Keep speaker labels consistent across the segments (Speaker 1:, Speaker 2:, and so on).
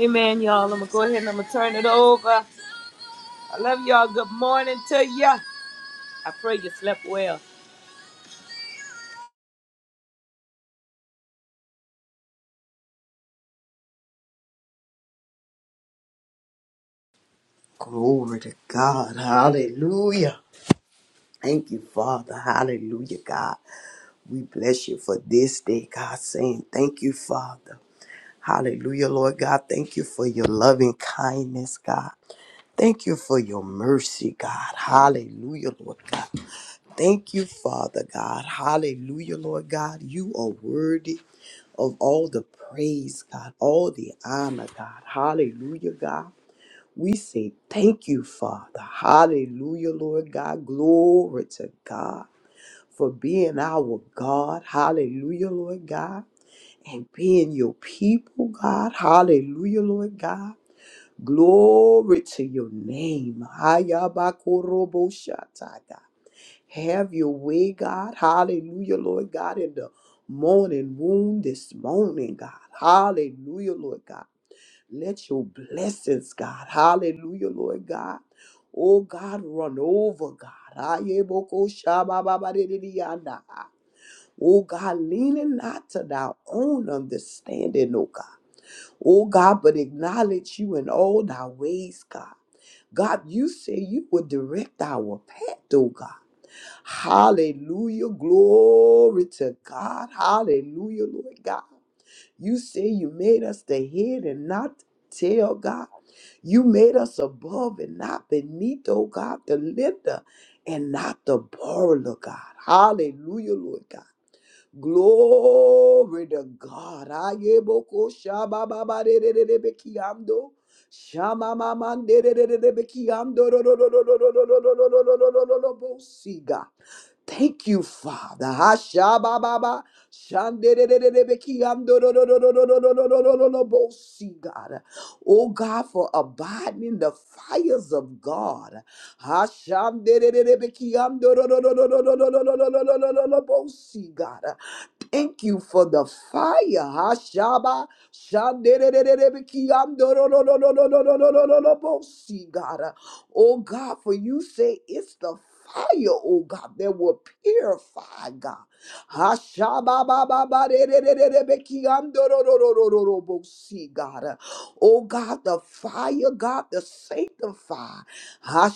Speaker 1: Amen, y'all. I'm gonna go ahead and I'm gonna turn it over. I love y'all. Good morning to ya. I pray you slept well.
Speaker 2: Glory to God. Hallelujah. Thank you, Father. Hallelujah, God. We bless you for this day, God, saying thank you, Father. Hallelujah, Lord God. Thank you for your loving kindness, God. Thank you for your mercy, God. Hallelujah, Lord God. Thank you, Father God. Hallelujah, Lord God. You are worthy of all the praise, God, all the honor, God. Hallelujah, God. We say thank you, Father. Hallelujah, Lord God. Glory to God for being our God. Hallelujah, Lord God. And being your people, God. Hallelujah, Lord God. Glory to your name. Hayabakoroboshataya. Have your way, God. Hallelujah, Lord God, in the morning wound this morning, God. Hallelujah, Lord God. Let your blessings, God, hallelujah, Lord God. Oh God, run over, God. Ayeboko shabababadididiyana. Oh God, leaning not to thy own understanding, oh God. Oh God, but acknowledge you in all thy ways, God. God, you say you would direct our path, oh God. Hallelujah. Glory to God. Hallelujah, Lord God. You say you made us the head and not tail, God. You made us above and not beneath, oh God, the lender and not the borrower, God. Hallelujah, Lord God. Glory to God. Ayeboko shabababarererebekiando. Shamamamanderererebekiando. Rororororororororororororororobosi, God. Thank you, Father. Ha, sha, ba, ba, ba. Shan, de, de, de, de, de, be, Ki an, do do do do do do do do do Hashabababa, shanderererebekiandorororororororororororobosi, God. Oh God, for abiding in the fires of God. Ha, shan, de, de, de, de, be, Ki an, do do do do do do do do do. Hashanderererebekiandorororororororororororobosi, God. Thank you for the fire. Ha, sha, ba. Shan, de, de, de, de, de, be, Ki an, do do do do do do do do Hashaba shanderererebekiandorororororororororobosi, God. Oh God, for you say it's the fire, oh God, that will purify, God. ha God. Oh God, the fire, God, the sanctify. ha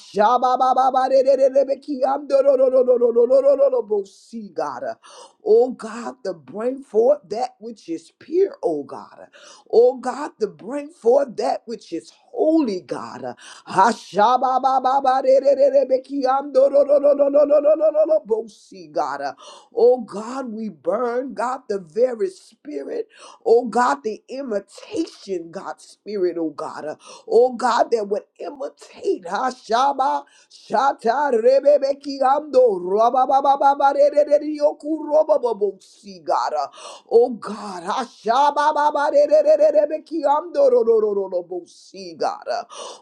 Speaker 2: God. Oh God, to bring forth that which is pure, oh God. Oh God, to bring forth that which is holy, God. Hashababababarerererebekiandororororororororobosi, God. Uh, Oh God, we burn, God, the very spirit. Oh God, the imitation, God, spirit, oh God. Uh, Oh God, that would imitate. Hashaba Shata Rebebekiando Rababababarererereyokurobobobosi, God. Uh, Oh God, Hashabababarerererebekiando rororororobosi, God.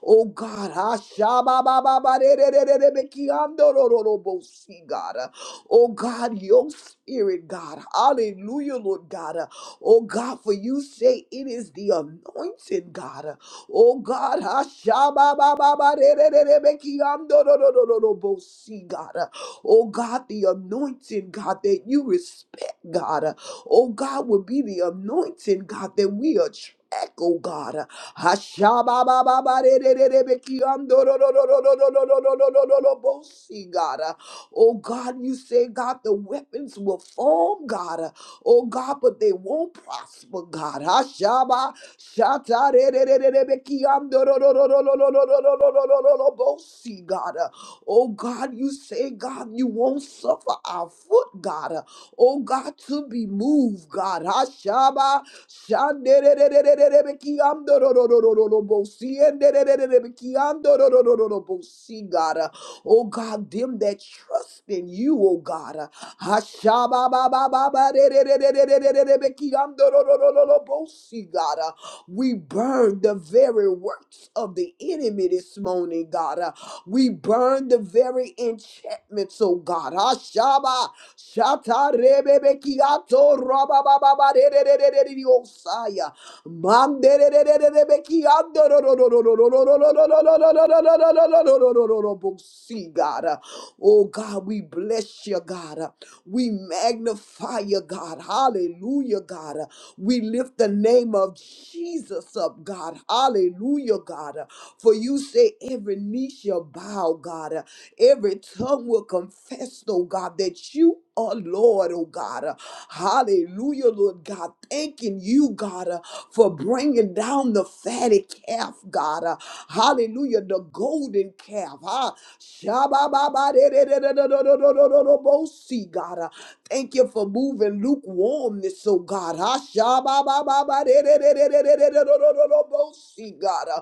Speaker 2: Oh God, ah, shabba-ba-ba-ba-de-de-de-de-de-be-ki-ando-ro-ro-ro-bo-si, God. Oh God, your spirit, God. Hallelujah, Lord God. Oh God, for you say it is the anointed God. Oh God, ah, shabba-ba-ba-ba-de-de-de-de-be-ki-ando-ro-ro-ro-ro-bo-si, God. Oh God, the anointed God that you respect, God oh God, would be the anointing, God, that we attract, oh God. Hashababababarerererebekiandororororororororororororobosi, God. Oh God, you say, God, the weapons will form, God. Oh God, but they won't prosper, God. Hashaba Shatarerererebekiandorororororororororororobosi, God. Oh God, you say, God, you won't suffer our foot, God oh God, to be moved, God. Hashaba, shandererererebeki, amdororororobosi, endererererebeki, amdororororobosi, God. Oh God, them that trust in you, oh God. Hashaba ba ba ba ba Hashababababarerererererebeki, amdororororobosi, God. We burn the very works of the enemy this morning, God. We burn the very enchantments, oh God. Hashaba. Shatter the bekiato, rababababareareareareare you say? Bang the bekiando, rororororororororororororororoboogie, God. Oh God, we bless you, God. We magnify you, God. Hallelujah, God. We lift the name of Jesus, up, God. Hallelujah, God. For you say every knee shall bow, God. Uh, Every tongue will confess, oh God, that you are Lord, oh God. Uh, Hallelujah, Lord God. Thanking you, God, uh, for bringing down the fatty calf, God. Uh, Hallelujah, the golden calf. Huh? Shabba-ba-ba-de-de-de-de-de-de-de-de-de-de-bo-si, God. Uh, Thank you for moving lukewarmness, oh God. Huh? Shabba-ba-ba-ba-de-de-de-de-de-de-de-de-de-de-de-bo-si, God.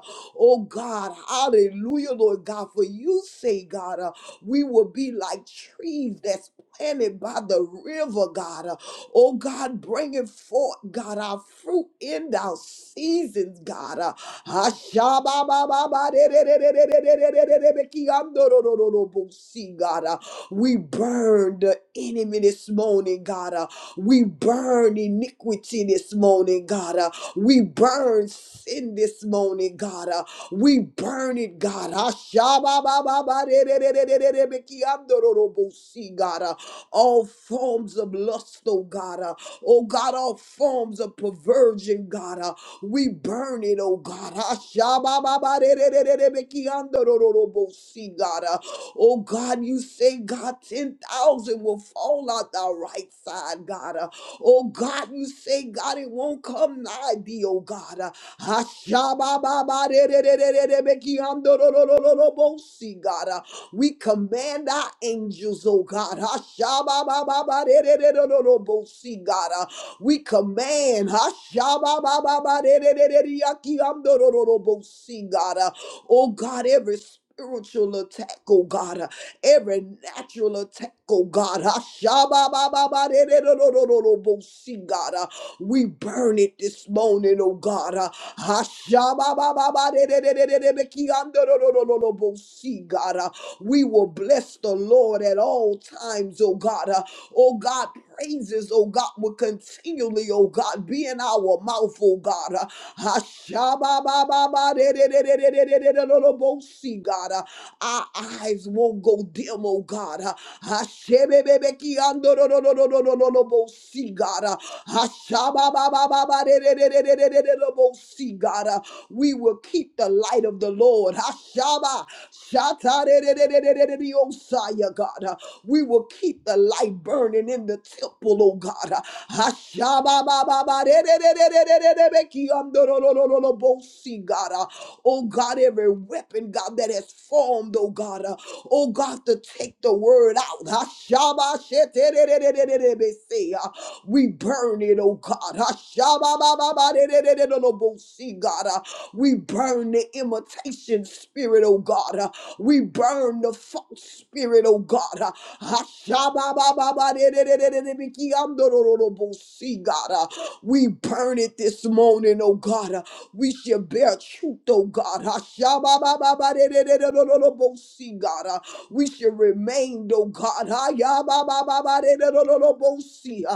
Speaker 2: We burn sin this morning, God. Uh, we burn it, God. Ah, shababababarerererererebekiandororobosi, God. Uh, all forms of lust, oh God. Uh, oh God, all forms of perversion, God. Uh, we burn it, oh God. Ah, shababababarererererebekiandororobosi, God. Uh, oh God, you say, God, 10,000 will fall out our right side, God. Uh, Oh God, you say, God, it won't come nigh thee, oh God. Uh, Ashabababarererererebekiandororororobosi, God. Uh, We command our angels, oh God. Ashababababarererererobosi, God. Uh, We command Ashababababarererereyakiandorororobosi, God. Uh, Oh God, every spiritual attack, oh God. Ah, every natural attack, oh God. Ashababababadedododododobosi, God, uh, we burn it this morning, oh God. uh, Ashababababadededededededekiandododododobosi, God, uh, we will bless the Lord at all times, oh God. uh, Oh God, praises, oh God, will continually, oh God, be in our mouth, oh God. uh, Ashababababadedededededededododobosi, God. uh, our eyes won't go dim, O God. Hachamebekei ando no no no no no no no no. We'll see, God. Hachaba ba ba ba ba ba ba ba ba. We'll see, God. Uh, We will keep the light of the Lord. Hachaba shata ba ba ba ba ba ba ba ba. The Messiah, God. Uh, We will keep the light burning in the temple, O God. Hachaba ba ba ba ba ba ba ba ba. We'll see, God. Uh, Oh God, every weapon, God, that has formed, oh God, uh, oh God, to take the word out. Hashabasheterererererebese, uh, We burn it, oh God. Hashababababarererererobosi, God, uh, we burn the imitation spirit, oh God. uh, We burn the false spirit, oh God. uh, Hashababababarererererebekiyandorororobosi, God, uh, we burn it this morning, oh God. uh, we we should bear truth, oh God. Hasha ba ba ba ba da da da da lobo si, God. Uh, We should remain, oh God. Haya ba ba ba ba da da da da lobo si.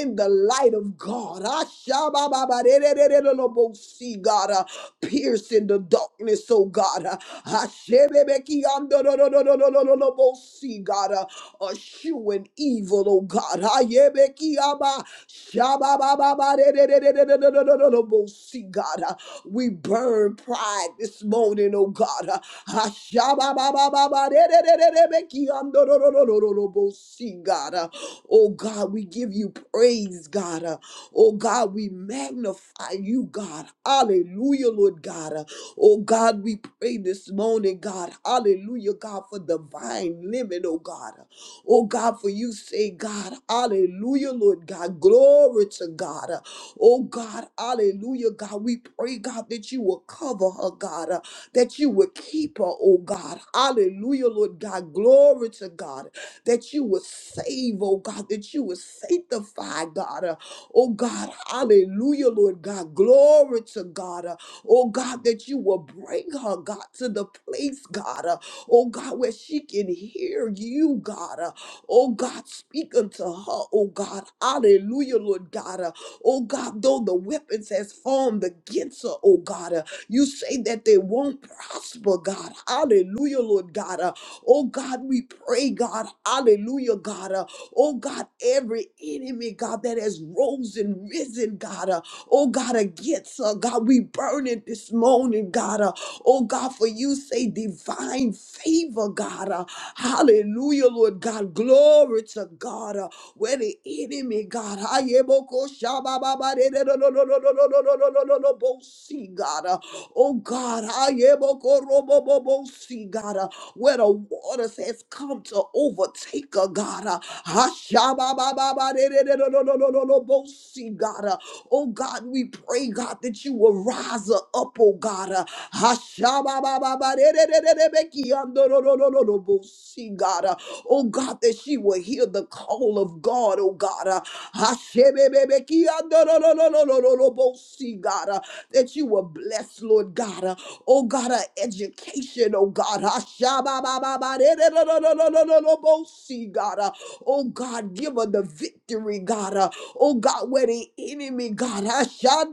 Speaker 2: In the light of God, Hasha ba ba ba ba da da da da lobo si, God. Uh, Pierce into darkness, oh God. Hasebekei da da da da lobo si, God. Assuain evil, oh God. Hyebekei ba sha ba ba ba ba da da da da da da da da see God. Uh, We burn pride this morning, oh God. Uh, Ashabababababarererererebekiandororororobosi, God. Uh, Oh God, we give you praise, God. Uh, Oh God, we magnify you, God. Hallelujah, Lord God. Uh, Oh God, we pray this morning, God. Hallelujah, God, for divine limit, oh God. Uh, Oh God, for you say, God, hallelujah, Lord God. Glory to God. uh, Oh God, hallelujah, God. We pray, God, that you will cover her, God, uh, that you will keep her, oh God. Hallelujah, Lord God. Glory to God, that you will save, oh God, that you will sanctify, God. uh, oh God, hallelujah, Lord God. Glory to God, uh, oh God, that you will bring her, God, to the place, God, uh, oh God, where she can hear you, God. uh, oh God, speak unto her, oh God. Hallelujah, Lord God. uh, Oh God, though the weapons has formed against her, oh God, uh, you say that they won't prosper, God. Hallelujah, Lord God. Uh, oh God, we pray, God. Hallelujah, God. Uh, oh God, every enemy, God, that has rose and risen, God. Uh, oh God, against her, God, we burn it this morning, God. Uh, Oh God, for you say divine favor, God. Uh, hallelujah, Lord God. Glory to God. Uh, where the enemy, God, ah, yeah, bo- ko- sha- ba- ba- ba- de- de- do- do- do- do- do- do- do- do- do- do- do- bo- see, God. Uh, Oh God, ah, yeah, bo- ko- ro- bo- bo- bo- see, God. Uh, where the waters has come to overtake, uh, God. Uh, ah, sha- ba- ba- ba- ba- de- de- de- do- do- do- do- do- do- bo- see, God. Uh, Oh God, we pray, God, that you will rise her up, oh God. Uh, Hashababababarerererebekiandororororobo. See, God, uh, oh God, that she will hear the call of God, oh God. uh, Hashebebebekiandororororobo. See, God, uh, that you will bless, Lord God, uh, oh God, our education, oh God. Hashababababarerererererobo. See, God, uh, oh God, give her the victory, God. uh, Oh God, where the enemy, God, I shall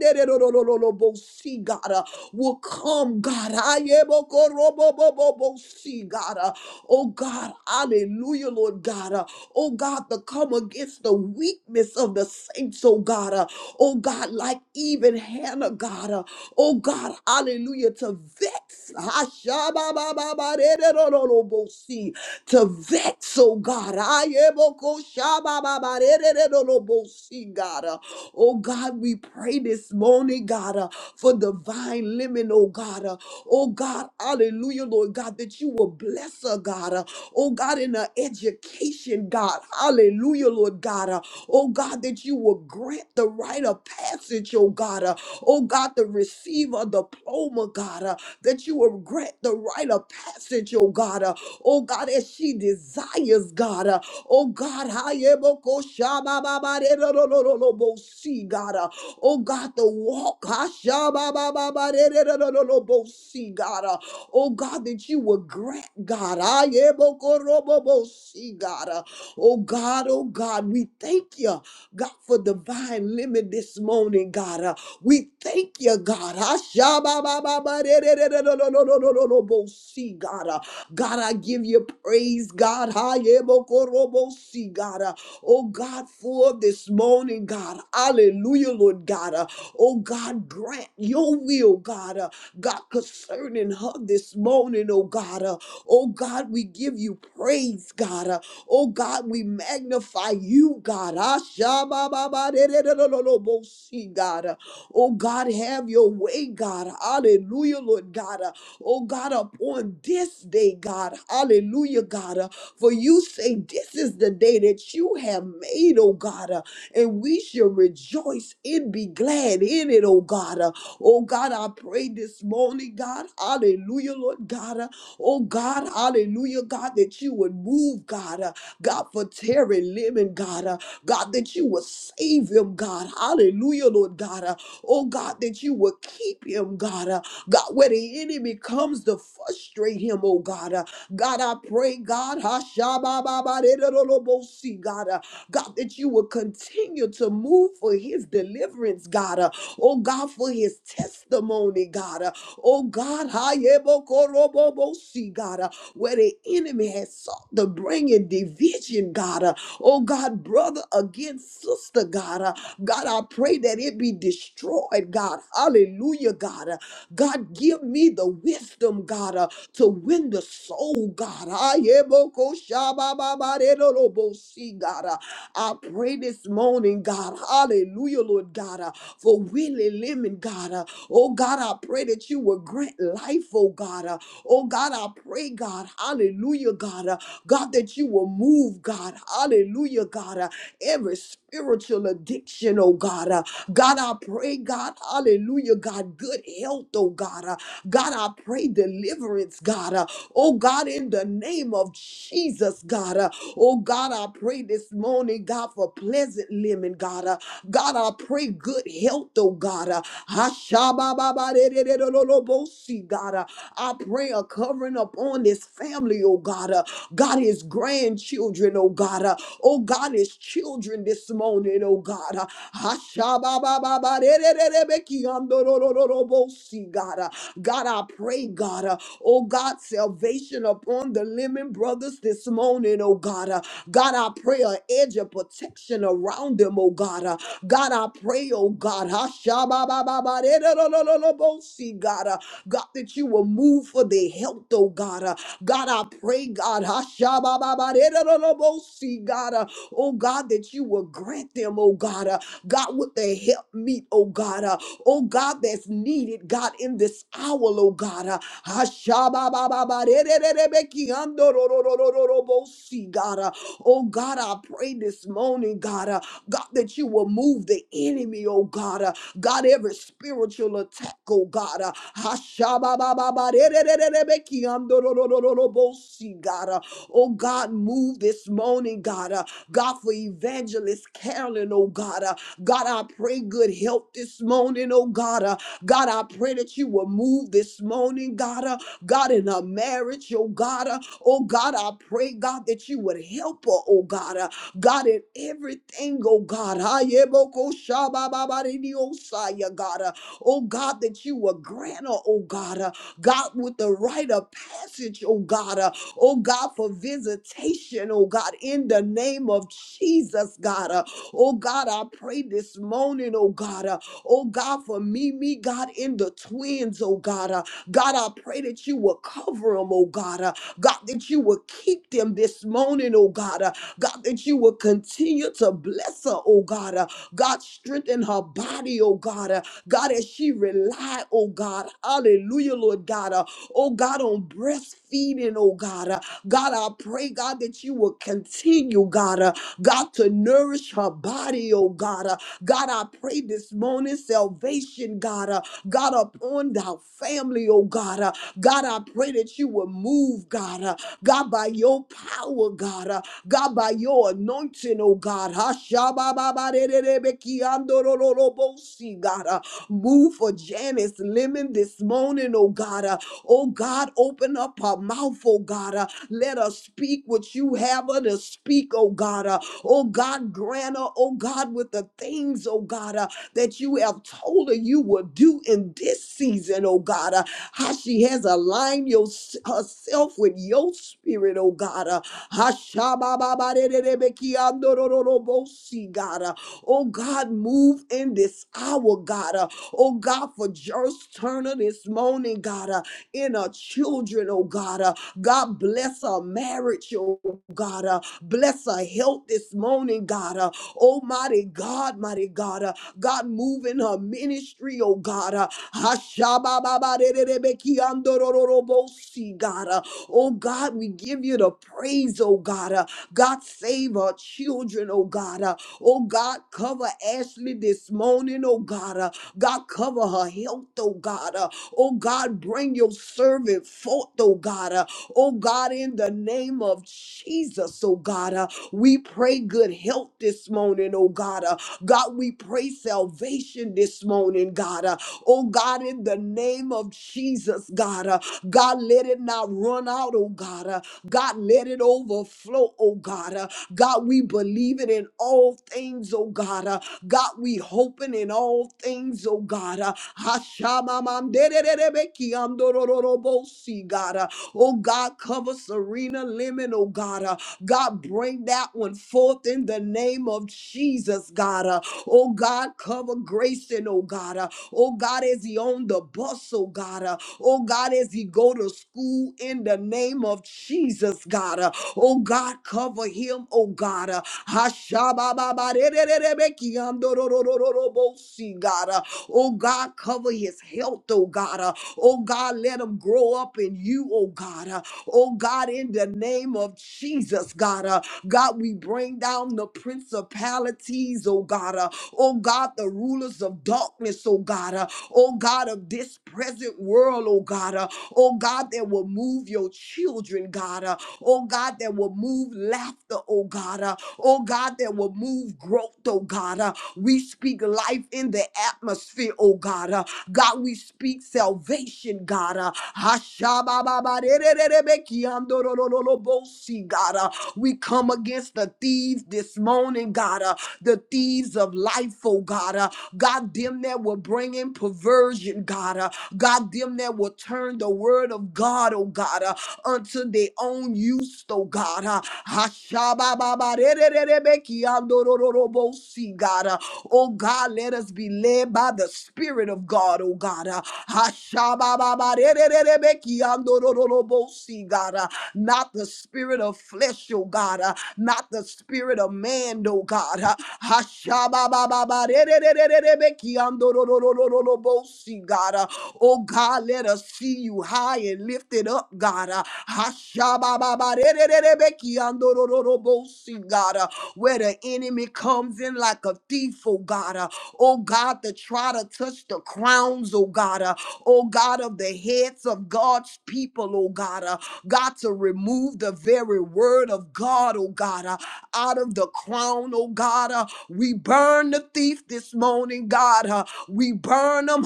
Speaker 2: see, God. uh, will come, God. Ayebokorobobobobosi, God. Uh, Oh God, hallelujah, Lord God. Uh, Oh God, to come against the weakness of the saints, oh God. Uh, Oh God, like even Hannah, God. Uh, Oh God, hallelujah, to vex. Ashababababaredorolobosi, To vex, oh God. Ayebokoshabababaredorolobosi, God. Oh God, we pray this morning, God, uh, for divine limit, oh God. uh, oh God, hallelujah, Lord God, that you will bless her, God. uh, oh God, in her education, God. Hallelujah, Lord God. uh, oh God, that you will grant the right of passage, oh God. uh, oh God, the receiver diploma, God, uh, that you will grant the right of passage, oh God. uh, oh God, as she desires, God. uh, Oh God, hayeboko shabababarerorororobo. see God. uh, Oh God, the walk. hashababababarerorororobo. see God. uh, Oh God, that you will grant God. hayebokorobobo. see God. uh, Oh God, oh God, we thank you, God, for divine limit this morning, God. uh, we thank you, God. Hashababababarerorororobo. see God. uh, God, I give you praise, God. Hayebokorobosi, God. Uh, Oh, God, for this morning, God. Hallelujah, Lord God. Uh, Oh, God, grant your will, God. Uh, God, concerning her this morning, oh, God. Uh, Oh, God, we give you praise, God. Uh, Oh, God, we magnify you, God. Ashabababaderelolobosi, God. Oh God, have your way, God. Hallelujah, Lord God. Uh, Oh God, upon this day, God. Hallelujah, God. Uh, For you say this is the day that you have made, oh God and we shall rejoice and be glad in it, oh God. Uh, Oh God, I pray this morning, God, hallelujah, Lord God. Uh, Oh God, hallelujah, God, that you would move, God, uh, God, for Terry Lemon, God, uh, God, that you would save him, God, hallelujah, Lord God. Uh, Oh God, that you would keep him, God, uh, God, where the enemy comes to frustrate him, oh God. Uh, God, I pray, God, Hashabababaderolobosi, God. uh, God, that you will continue to move for his deliverance, God. Uh, oh, God, for his testimony, God. Uh, oh, God, hayebokorobobosi, God, uh, where the enemy has sought to bring in division, God. Uh, oh, God, brother against sister, God. Uh, God, I pray that it be destroyed, God. Hallelujah, God. Uh, God, give me the wisdom, God, uh, to win the soul, God. Ayebokoshabababaredolobosi, God. uh, I pray this morning, God, hallelujah, Lord God, uh, for Willie Lemon, God. uh, oh, God, I pray that you will grant life, oh, God. uh, oh, God, I pray, God, hallelujah, God. uh, God, that you will move, God, hallelujah, God. uh, every spiritual addiction, oh, God. uh, God, I pray, God, hallelujah, God, good health, oh, God. uh, God, I pray deliverance, God. uh, oh, God, in the in the name of Jesus, God. Uh, oh, God, I pray this morning, God, for pleasant living, God. Uh, God, I pray good health, oh, God. Uh, Hashabababadererololobosi, God. Uh, I pray a covering upon this family, oh, God. Uh, God, his grandchildren, oh, God. Uh, oh, God, his children this morning, oh, God. Uh, Hashababababadererebeki andorololobosi, mercy, God. Uh, God, I pray, God. Uh, oh, God, salvation upon the Lemon Brothers this morning, oh, God. Uh, God, I pray an edge of protection around them, oh, God. Uh, God, I pray, oh, God. Hashababababaredadadadadabosi, God, uh, God, that you will move for their health, oh, God. Uh, God, I pray, God. Hashabababaredadadadabosi, God, uh, oh, God, that you will grant them, oh, God. uh, God, with the help meet, oh God, uh, oh God, that's needed, God, in this hour, oh God. Uh, Ashababababarerererebekiandorororororobosi, God, uh, oh God, I pray this morning, God, uh, God, that you will move the enemy, oh God, uh, God, every spiritual attack, oh God, uh, Ashababababarerererebekiandororororobosi, God, uh, oh God, move this morning, God, uh, God, for evangelist Carolyn, oh God. uh, God, I pray good health this morning, oh God. Uh, God, I pray that you will move this morning, God. Uh, God, in her marriage, oh God. Uh, oh God, I pray, God, that you would help her, oh God. Uh, God, in everything, oh God. Ah, yeah, boko shaba ba ba di di o yeah, God. Uh, Oh God, that you would grant her, oh God. Uh, God, with the rite of passage, oh God. Uh, oh God, for visitation, oh God, in the name of Jesus, God. Uh, Oh God, I pray this morning, oh God, uh, oh God, for me, me, God, in the twins, oh God. uh, God, I pray that you will cover them, oh God. uh, God, that you will keep them this morning, oh God. uh, God, that you will continue to bless her, oh God. Uh, God, strengthen her body, oh God. Uh, God, as she rely, oh God. Hallelujah, Lord God. Uh, oh God, on breastfeeding, oh God. Uh, God, I pray, God, that you will continue, God, uh, God, to nourish her body, oh God. Uh, God, I pray this this morning. Salvation, God. Uh, God, upon our family, oh God. Uh, God, I pray that you will move, God. Uh, God, by your power, God. Uh, God, by your anointing, oh God. Hashabababarererebekiandorororobosi, God. Uh, Move for Janice Lemon this morning, oh God. uh, Oh God, open up our mouth, oh God. Uh, let us speak what you have her to speak, oh God. Uh, oh God, grant her, oh God, with the things, oh God, uh, that you have told her you will do in this season, oh God. Uh, how she has aligned your, herself with your spirit, oh God. Uh, Hashabababarererebekiandorororobosi, God. Uh, Oh God, move in this hour, God. Uh, Oh God, for Joyce Turner this morning, God. Uh, in our children, oh God. Uh, God bless our marriage, oh God. Uh, bless our health this morning, God. Uh, almighty God, mighty God. Uh, God move in her ministry, oh God. Uh, Hashabababarerebekiandorororobosi, God. Uh, oh God, we give you the praise, oh God. Uh, God save our children, oh God. Uh, oh God, cover Ashley this morning, oh God. Uh, God cover her health, oh God. Uh, Oh God, bring your servant forth, oh God. Uh, Oh God, in the name of Jesus, oh God, uh, we pray good health this morning, oh God. Uh, God, we pray salvation this morning, God. Uh, Oh God, in the name of Jesus, God. Uh, God, let it not run out, oh God. Uh, God, let it overflow, oh God. Uh, God, we believe it in all things, oh God. Uh, God, we hoping in all things, oh God. Uh, Hashamamandererebeki andorororobosi, God. Uh, Oh God, cover Serena Lemon, oh God. Uh, God, bring that one forth in the name of Jesus, God. Uh, Oh God, cover Grayson, oh God. Uh, Oh God, as he on the bus, oh God. Uh, Oh God, as he go to school in the name of Jesus, God. Uh, Oh God, cover him, oh God. uh, Ashabababarererebekiandororororobosi, God. Uh, Oh God, cover his health, oh God. Uh, Oh God, let him grow up in you, oh God. Uh, Oh God, in the name of Jesus, God. Uh, God, we bring down the principalities, oh God. Uh, Oh God, the rulers of darkness, oh God. Uh, Oh God of this present world, oh God. Uh, Oh God, that will move your children, God. Uh, Oh God, that will move laughter, oh God oh God, that will move growth, oh God. Uh, we speak life in the atmosphere, oh God. Uh, God, we speak salvation, God. Uh, Hashabababarererebekiandorororobosi, God. Uh, we come against the thieves this morning, God. Uh, the thieves of life, oh God. Uh, God, them that will bring in perversion, God. Uh, God, them that will turn the word of God, oh God. Uh, unto their own use, oh God. Uh, Hashabababarerererebekiandorororobosi, God. Uh, Oh God, let us be led by the Spirit of God, oh God. Uh, Hashabababarerererebekiandorororobosi, God. Uh, Not the spirit of flesh, oh God. Uh, Not the spirit of man, oh God. Uh, Hashabababarerererebekiandorororobosi, God. Uh, Oh God, let us see you high and lifted up, God. Uh, Hashabababarerererebekiandorororobosi, God, uh, where the enemy comes in like a thief, oh God. Uh, oh God, to try to touch the crowns, oh God. Uh, oh God, of the heads of God's people, oh God. Uh, God, to remove the very word of God, oh God. Uh, out of the crown, oh God. Uh, we burn the thief this morning, God. Uh, we burn them.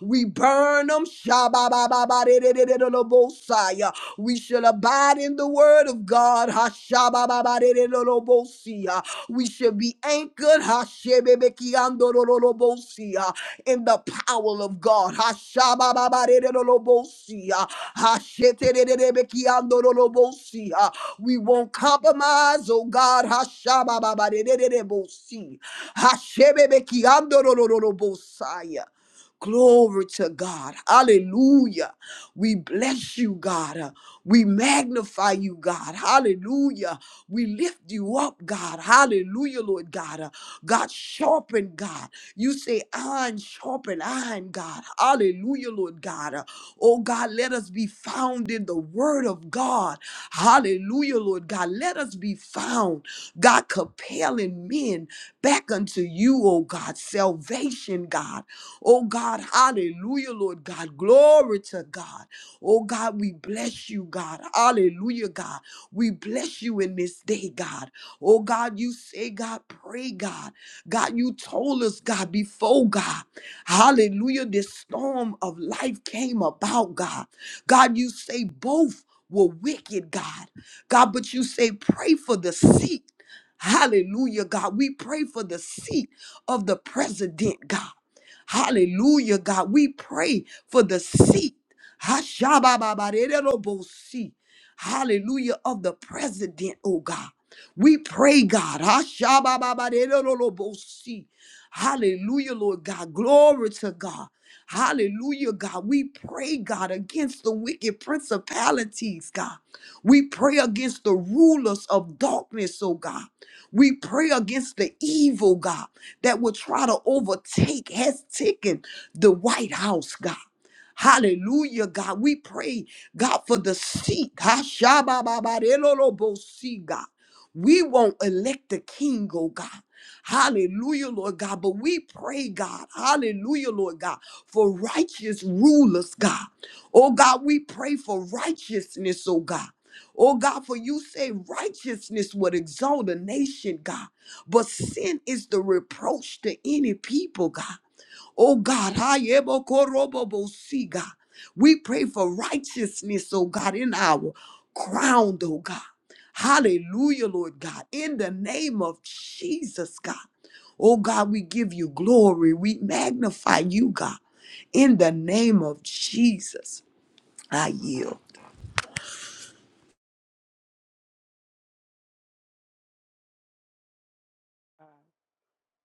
Speaker 2: We burn them. We shall abide in the word of God. Ha, sha, ba, ba, ba, de, de, do, do, bo, si. We should be anchored Hashebebekiandorolobosia, in the power of God. Hashabababaredolobosia, Hasheterebekiandorolobosia. We won't compromise, oh God. Hashabababaredebosi, Hashebebekiandorolobosia. Glory to God. Hallelujah. We bless you, God. We magnify you, God. Hallelujah. We lift you up, God. Hallelujah, Lord God. God, sharpen, God. You say, iron, sharpen, iron, God. Hallelujah, Lord God. Oh, God, let us be found in the word of God. Hallelujah, Lord God. Let us be found, God, compelling men back unto you, oh God. Salvation, God. Oh God, hallelujah, Lord God. Glory to God. Oh God, we bless you, God. Hallelujah, God. We bless you in this day, God. Oh God, you say, God, pray, God. God, you told us, God, before God. Hallelujah, this storm of life came about, God. God, you say both were wicked, God. God, but you say pray for the seat. Hallelujah, God. We pray for the seat of the president, God. Hallelujah, God. We pray for the seat. Hashabababarerobosi. Hallelujah of the president, oh God. We pray, God. Hashabababarerobosi. Hallelujah, Lord God. Glory to God. Hallelujah, God. We pray, God, against the wicked principalities, God. We pray against the rulers of darkness, oh God. We pray against the evil, God that will try to overtake, has taken the White House, God. Hallelujah, God. We pray, God, for the seat. Hashabababarelolobosi, God. We won't elect the king, oh God. Hallelujah, Lord God. But we pray, God. Hallelujah, Lord God, for righteous rulers, God. Oh God, we pray for righteousness, oh God. Oh God, for you say righteousness would exalt a nation, God. But sin is the reproach to any people, God. Oh God, see God. We pray for righteousness, oh God, in our crown, oh God. Hallelujah, Lord God. In the name of Jesus, God. Oh God, we give you glory. We magnify you, God. In the name of Jesus, I yield.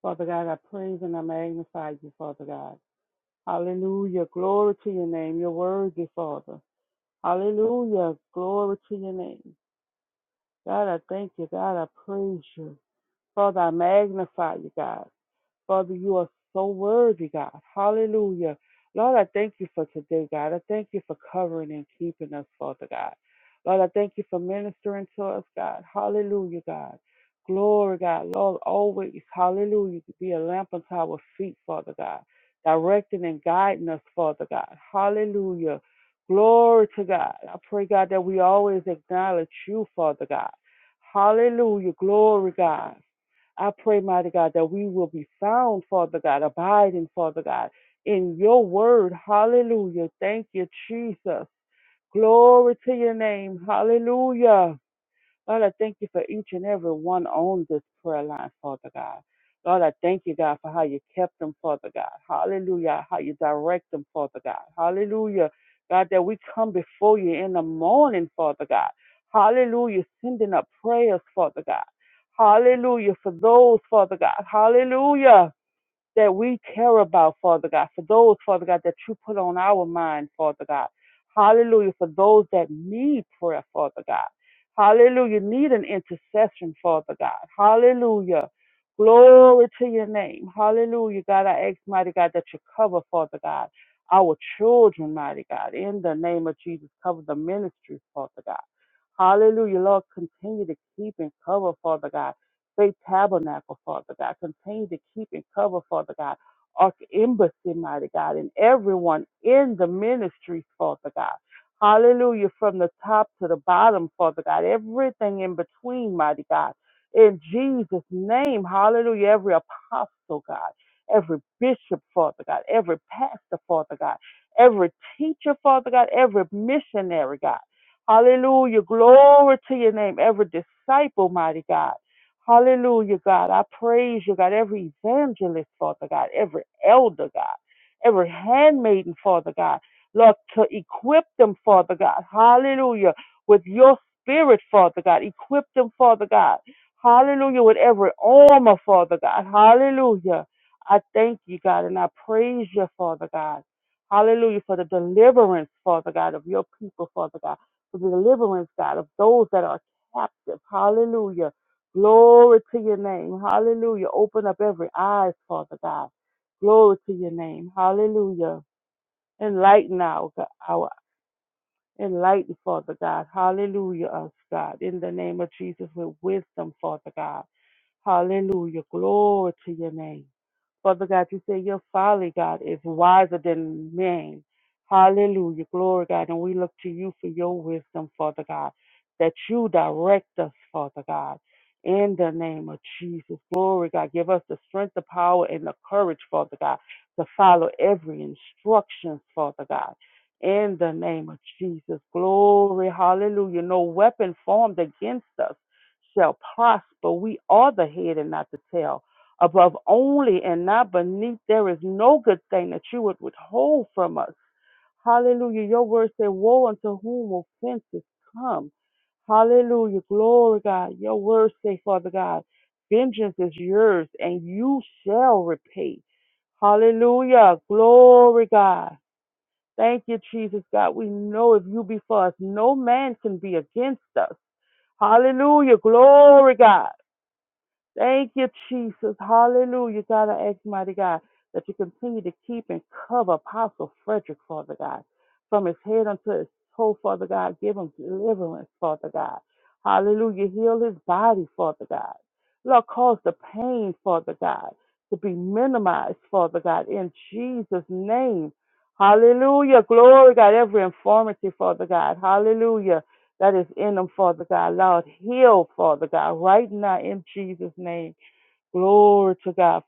Speaker 3: Father God, I praise and I magnify you, Father God. Hallelujah. Glory to your name. You're worthy, Father. Hallelujah. Glory to your name. God, I thank you. God, I praise you. Father, I magnify you, God. Father, you are so worthy, God. Hallelujah. Lord, I thank you for today, God. I thank you for covering and keeping us, Father God. Lord, I thank you for ministering to us, God. Hallelujah, God. Glory, God. Lord, always, hallelujah, to be a lamp unto our feet, Father God. Directing and guiding us, Father God. Hallelujah. Glory to God. I pray, God, that we always acknowledge you, Father God. Hallelujah. Glory, God. I pray, mighty God, that we will be found, Father God, abiding, Father God, in your word. Hallelujah. Thank you, Jesus. Glory to your name. Hallelujah. Lord, I thank you for each and every one on this prayer line, Father God. Lord, I thank you, God, for how you kept them, Father God. Hallelujah. How you direct them, Father God. Hallelujah. God, that we come before you in the morning, Father God. Hallelujah. Sending up prayers, Father God. Hallelujah. For those, Father God. Hallelujah that we care about, Father God, for those, Father God, that you put on our mind, Father God. Hallelujah, for those that need prayer, Father God. Hallelujah, need an intercession, Father God. Hallelujah. Glory to your name. Hallelujah, God. I ask, mighty God, that you cover, Father God, our children, mighty God. In the name of Jesus, cover the ministry, Father God. Hallelujah, Lord. Continue to keep and cover, Father God. Faith Tabernacle, Father God. Continue to keep and cover, Father God. Ark Embassy, mighty God, and everyone in the ministry, Father God. Hallelujah, from the top to the bottom, Father God. Everything in between, mighty God. In Jesus' name, hallelujah. Every apostle, God. Every bishop, Father God. Every pastor, Father God. Every teacher, Father God. Every missionary, God. Hallelujah. Glory to your name. Every disciple, mighty God. Hallelujah, God. I praise you, God. Every evangelist, Father God. Every elder, God. Every handmaiden, Father God. Lord, to equip them, Father God. Hallelujah. With your spirit, Father God. Equip them, Father God. Hallelujah. With every armor, Father God. Hallelujah. I thank you, God, and I praise you, Father God. Hallelujah. For the deliverance, Father God, of your people, Father God for the deliverance, God, of those that are captive. Hallelujah. Glory to your name. Hallelujah. Open up every eyes, Father God. Glory to your name. Hallelujah. Enlighten our, our enlighten, Father God. Hallelujah, us, God. In the name of Jesus, with wisdom, Father God. Hallelujah. Glory to your name. Father God, you say your folly, God, is wiser than man. Hallelujah. Glory, God. And we look to you for your wisdom, Father God, that you direct us, Father God. In the name of Jesus, glory, God. Give us the strength, the power, and the courage, Father God, to follow every instruction, Father God. In the name of Jesus, glory, hallelujah. No weapon formed against us shall prosper. We are the head and not the tail above only and not beneath. There is no good thing that you would withhold from us. Hallelujah. Your word said, Woe unto whom offenses come. Hallelujah. Glory, God. Your word say, Father God, vengeance is yours and you shall repay. Hallelujah. Glory, God. Thank you, Jesus, God. We know if you be for us, no man can be against us. Hallelujah. Glory, God. Thank you, Jesus. Hallelujah. God, I ask, mighty God, that you continue to keep and cover Apostle Frederick, Father God, from his head unto his toe, Father God. Give him deliverance, Father God. Hallelujah. Heal his body, Father God. Lord, cause the pain, Father God, to be minimized, Father God, in Jesus' name. Hallelujah. Glory, God. Every infirmity, Father God. Hallelujah that is in them, Father God. Lord, heal, Father God, right now in Jesus' name. Glory to God.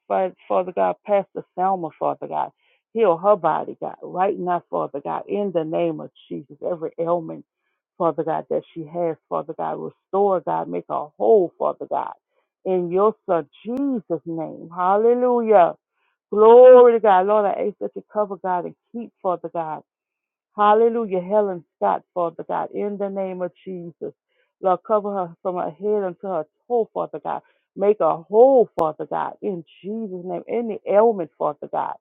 Speaker 3: Father God, Pastor Selma, Father God. Heal her body, God, right now, Father God, in the name of Jesus. Every ailment, Father God, that she has, Father God, restore, God, make her whole, Father God, in your Son, Jesus' name. Hallelujah. Glory to God. Lord, I ask that you cover, God, and keep, Father God. Hallelujah. Helen Scott, Father God, in the name of Jesus. Lord, cover her from her head until her toe, Father God. Make her whole, Father God, in Jesus' name. Any ailment, Father God,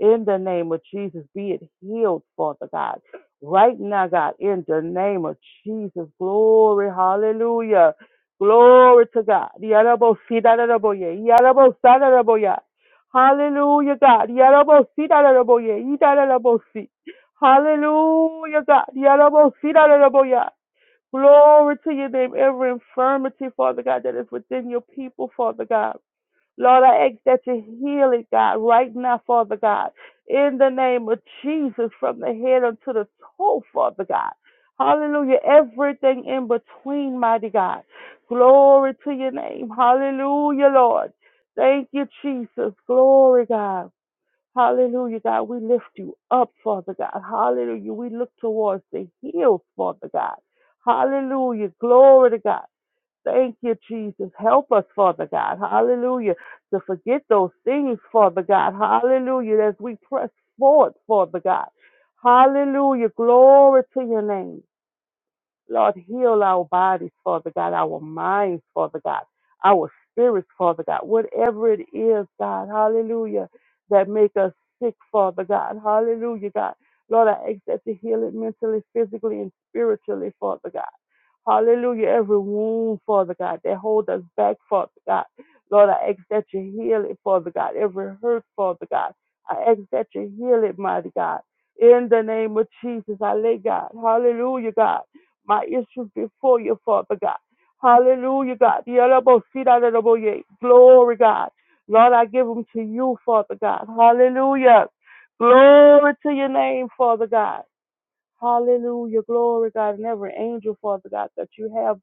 Speaker 3: in the name of Jesus, be it healed, Father God. Right now, God, in the name of Jesus. Glory, hallelujah. Glory to God. Yarabo, sidarabo, Yarabo, sadarabo, Hallelujah, God. Yarabo, sidarabo, Idarabo, si. Hallelujah, God. Yarabosidaraboya. Glory to your name. Every infirmity, Father God, that is within your people, Father God. Lord, I ask that you heal it, God, right now, Father God. In the name of Jesus, from the head unto the toe, Father God. Hallelujah. Everything in between, mighty God. Glory to your name. Hallelujah, Lord. Thank you, Jesus. Glory, God. Hallelujah, God. We lift you up, Father God. Hallelujah. We look towards the hills, Father God. Hallelujah. Glory to God. Thank you, Jesus. Help us, Father God. Hallelujah. To forget those things, Father God. Hallelujah. As we press forward, Father God. Hallelujah. Glory to your name. Lord, heal our bodies, Father God, our minds, Father God, our spirits, Father God, whatever it is, God, hallelujah, that make us sick, Father God, hallelujah, God. Lord, I ask that you heal it mentally, physically, and spiritually, Father God. Hallelujah. Every wound, Father God, that hold us back, Father God. Lord, I ask that you heal it, Father God. Every hurt, Father God. I ask that you heal it, mighty God. In the name of Jesus, I lay God. Hallelujah, God. My issues before you, Father God. Hallelujah, God. Yalabosita, Glory, God. Lord, I give them to you, Father God. Hallelujah. Glory to your name, Father God. Hallelujah. Glory, God, and every angel, Father God, that you have.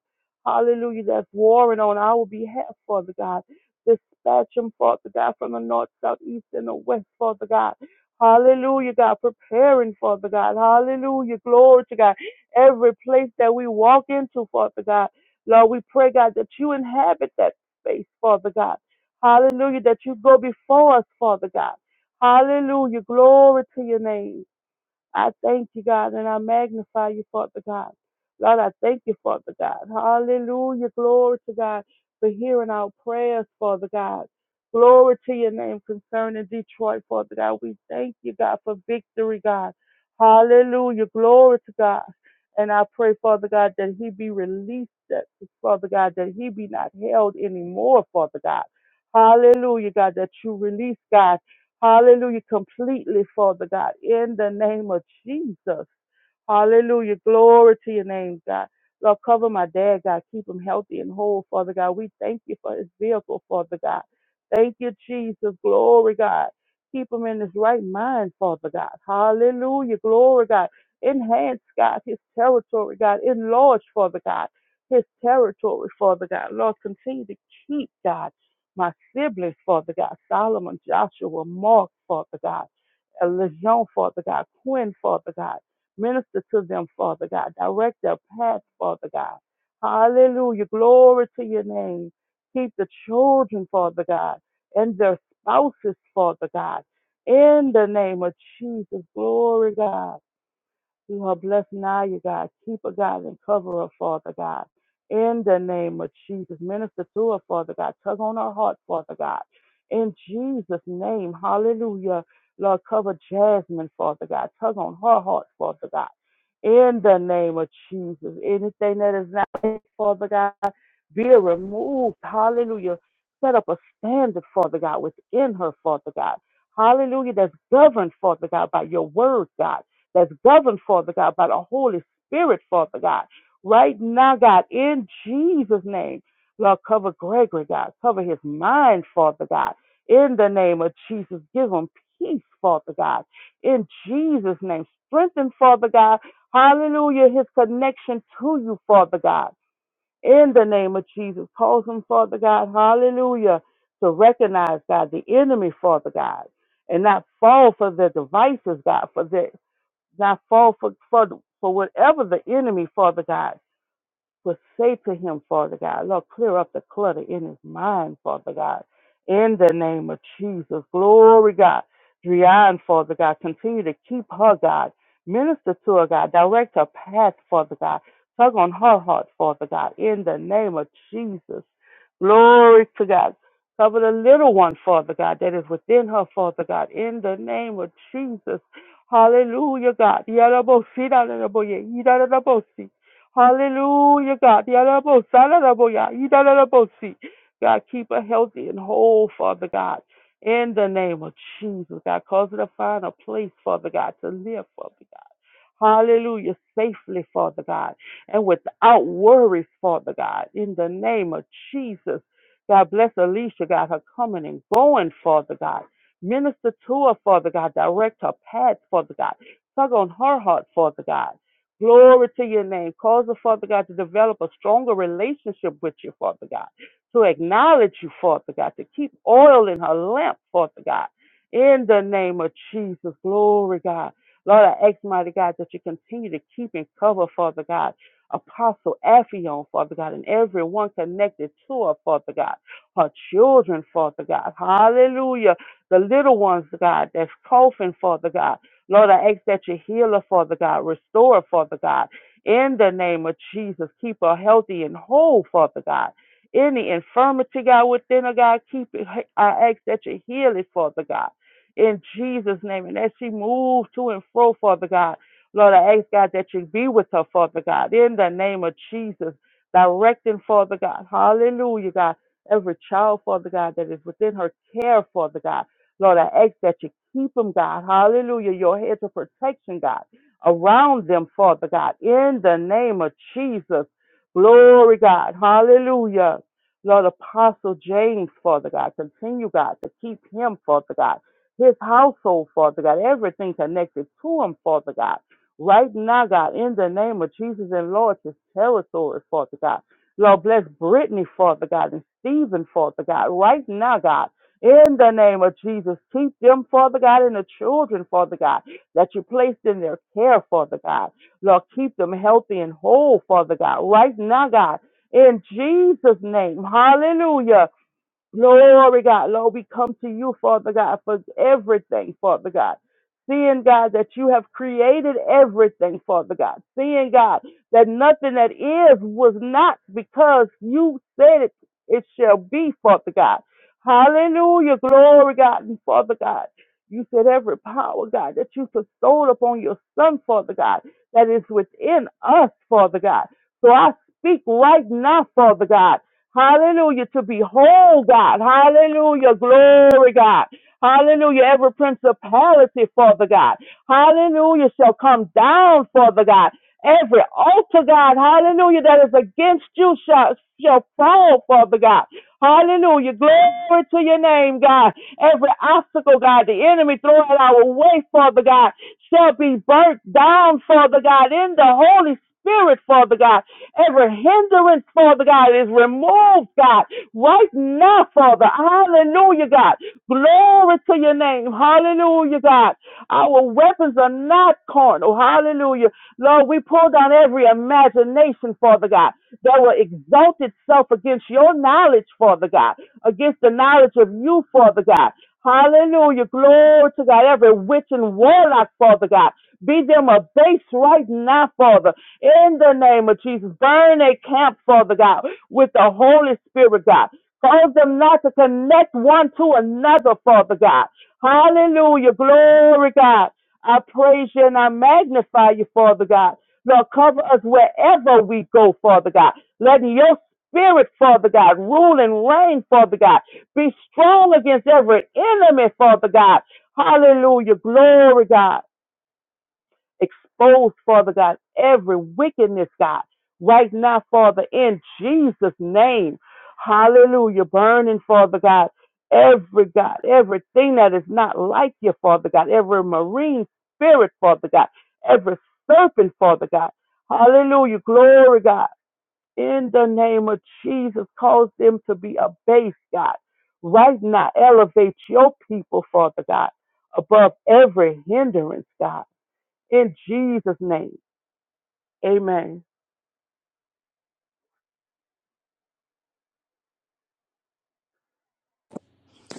Speaker 3: Hallelujah. That's warring on our behalf, Father God. Dispatch them, Father God, from the north, south, east, and the west, Father God. Hallelujah, God. Preparing, Father God. Hallelujah. Glory to God. Every place that we walk into, Father God. Lord, we pray, God, that you inhabit that space, Father God. Hallelujah. That you go before us, Father God. Hallelujah. Glory to your name. I thank you, God, and I magnify you, Father God. Lord, I thank you, Father God. Hallelujah. Glory to God for hearing our prayers, Father God. Glory to your name concerning Detroit, Father God. We thank you, God, for victory, God. Hallelujah. Glory to God. And I pray, Father God, that he be released, that, Father God, that he be not held anymore, Father God. Hallelujah, God, that you release, God Hallelujah. Completely, Father God, in the name of Jesus. Hallelujah. Glory to your name, God. Lord, cover my dad, God. Keep him healthy and whole, Father God. We thank you for his vehicle, Father God. Thank you, Jesus. Glory, God. Keep him in his right mind, Father God. Hallelujah. Glory, God. Enhance, God, his territory, God. Enlarge, Father God, his territory, Father God. Lord, continue to keep, God, my siblings, Father God. Solomon, Joshua, Mark, Father God. Lejeune, Father God. Quinn, Father God. Minister to them, Father God. Direct their path, Father God. Hallelujah. Glory to your name. Keep the children, Father God, and their spouses, Father God. In the name of Jesus, glory, God. You are blessed now, you God. Keep her, God, and cover her, Father God. In the name of Jesus, minister to her, Father God. Tug on her heart, Father God. In Jesus' name, hallelujah. Lord, cover Jasmine, Father God. Tug on her heart, Father God. In the name of Jesus, anything that is not, Father God, be removed. Hallelujah. Set up a standard, Father God, within her, Father God. Hallelujah, that's governed, Father God, by your word, God that's governed, Father God, by the Holy Spirit, Father God. Right now, God, in Jesus' name, Lord, cover Gregory, God. Cover his mind, Father God. In the name of Jesus, give him peace, Father God. In Jesus' name, strengthen, Father God. Hallelujah, his connection to you, Father God. In the name of Jesus, cause him, Father God. Hallelujah, to recognize, God, the enemy, Father God and not fall for their devices, God, for their. God, fall for, for, for whatever the enemy, Father God, would say to him, Father God, Lord, clear up the clutter in his mind, Father God, in the name of Jesus. Glory, God. Drian, Father God, continue to keep her, God. Minister to her, God. Direct her path, Father God. Tug on her heart, Father God, in the name of Jesus. Glory to God. Cover the little one, Father God, that is within her, Father God, in the name of Jesus. Hallelujah, God. Yarabosi, yarabosi, yarabosi. Hallelujah, God. Yadabo, sadadabo, ya, yidadadabo, see. God, keep her healthy and whole, Father God. In the name of Jesus, God, cause her to find a place, Father God, to live, Father God. Hallelujah, safely, Father God, and without worries, Father God. In the name of Jesus, God bless Alicia, God, her coming and going, Father God. Minister to her, Father God. Direct her path, Father God. Tug on her heart, Father God. Glory to your name. Cause the Father God, to develop a stronger relationship with you, Father God, to acknowledge you, Father God, to keep oil in her lamp, Father God. In the name of Jesus, glory, God. Lord, I ask, mighty God, that you continue to keep and cover, Father God, Apostle Ephion, Father God, and everyone connected to her, Father God, her children, Father God. Hallelujah. The little ones, God, that's coughing, Father God. Lord, I ask that you heal her, Father God, restore her, Father God. In the name of Jesus, keep her healthy and whole, Father God. Any infirmity, God, within her, God, keep it. I ask that you heal it, Father God. In Jesus' name. And as she moves to and fro, Father God, Lord, I ask, God, that you be with her, Father God. In the name of Jesus, directing, Father God. Hallelujah, God. Every child, Father God, that is within her care, Father God. Lord, I ask that you Keep them, God. Hallelujah. Your hedge of protection, God, around them, Father God, in the name of Jesus. Glory, God. Hallelujah. Lord Apostle James, Father God, continue, God, to keep him, Father God, his household, Father God, everything connected to him, Father God. Right now, God, in the name of Jesus and Lord, his territory, Father God. Lord, bless Brittany, Father God, and Stephen, Father God. Right now, God. In the name of Jesus, keep them, Father God, and the children, Father God, that you placed in their care, Father God. Lord, keep them healthy and whole, Father God, right now, God. In Jesus' name, hallelujah. Glory, God. Lord, we come to you, Father God, for everything, Father God. Seeing, God, that you have created everything, Father God. Seeing, God, that nothing that is was not because you said it, it shall be, Father God. Hallelujah. Glory, God, and Father God. You said every power, God, that you bestowed upon your Son, Father God, that is within us, Father God. So I speak right now, Father God. Hallelujah. To behold God. Hallelujah. Glory God. Hallelujah. Every principality, Father God. Hallelujah. Shall come down, Father God. Every altar, God. Hallelujah. That is against you shall, shall fall, Father God. Hallelujah. Glory to your name, God. Every obstacle, God, the enemy throw at our way, Father God shall be burnt down, Father God, in the Holy Spirit, Father God. Every hindrance, Father God, is removed, God, right now, Father. Hallelujah, God. Glory to your name. Hallelujah, God. Our weapons are not carnal. Hallelujah. Lord, we pull down every imagination, Father God, that will exalt itself against your knowledge, Father God, against the knowledge of you, Father God. Hallelujah. Glory to God. Every witch and warlock, Father God. Be them a base right now, Father. In the name of Jesus. Burn a camp, Father God, with the Holy Spirit, God. Cause them not to connect one to another, Father God. Hallelujah. Glory, God. I praise you and I magnify you, Father God. Lord, cover us wherever we go, Father God. Let your spirit, Father God. Rule and reign, Father God. Be strong against every enemy, Father God. Hallelujah. Glory, God. Expose, Father God, every wickedness, God. Right now, Father, in Jesus' name. Hallelujah. Burning, Father God. Every God, everything that is not like you, Father God, every marine spirit, Father God, every serpent, Father God. Hallelujah. Glory, God in the name of Jesus. Cause them to be abased, God. Right now, elevate your people, Father God, above every hindrance, God. In Jesus' name, amen.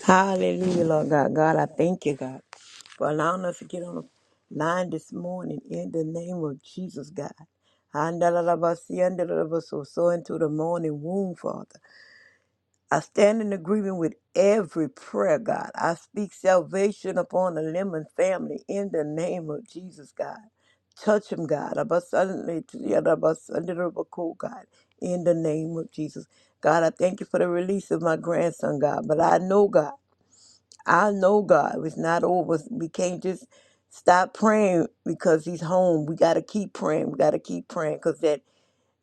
Speaker 4: Hallelujah, Lord God. God, I thank you, God, for allowing us to get on the line this morning in the name of Jesus, God. Handalalabasi, andalalabaso, So into the morning womb, Father. I stand in agreement with every prayer, God. I speak salvation upon the Lemon family in the name of Jesus, God. Touch them, God. Abasandale- yadabasandalalabako, God, in the name of Jesus. God, I thank you for the release of my grandson, God. But I know, God. I know God it's not over. We can't just stop praying because He's home. We got to keep praying. We got to keep praying because that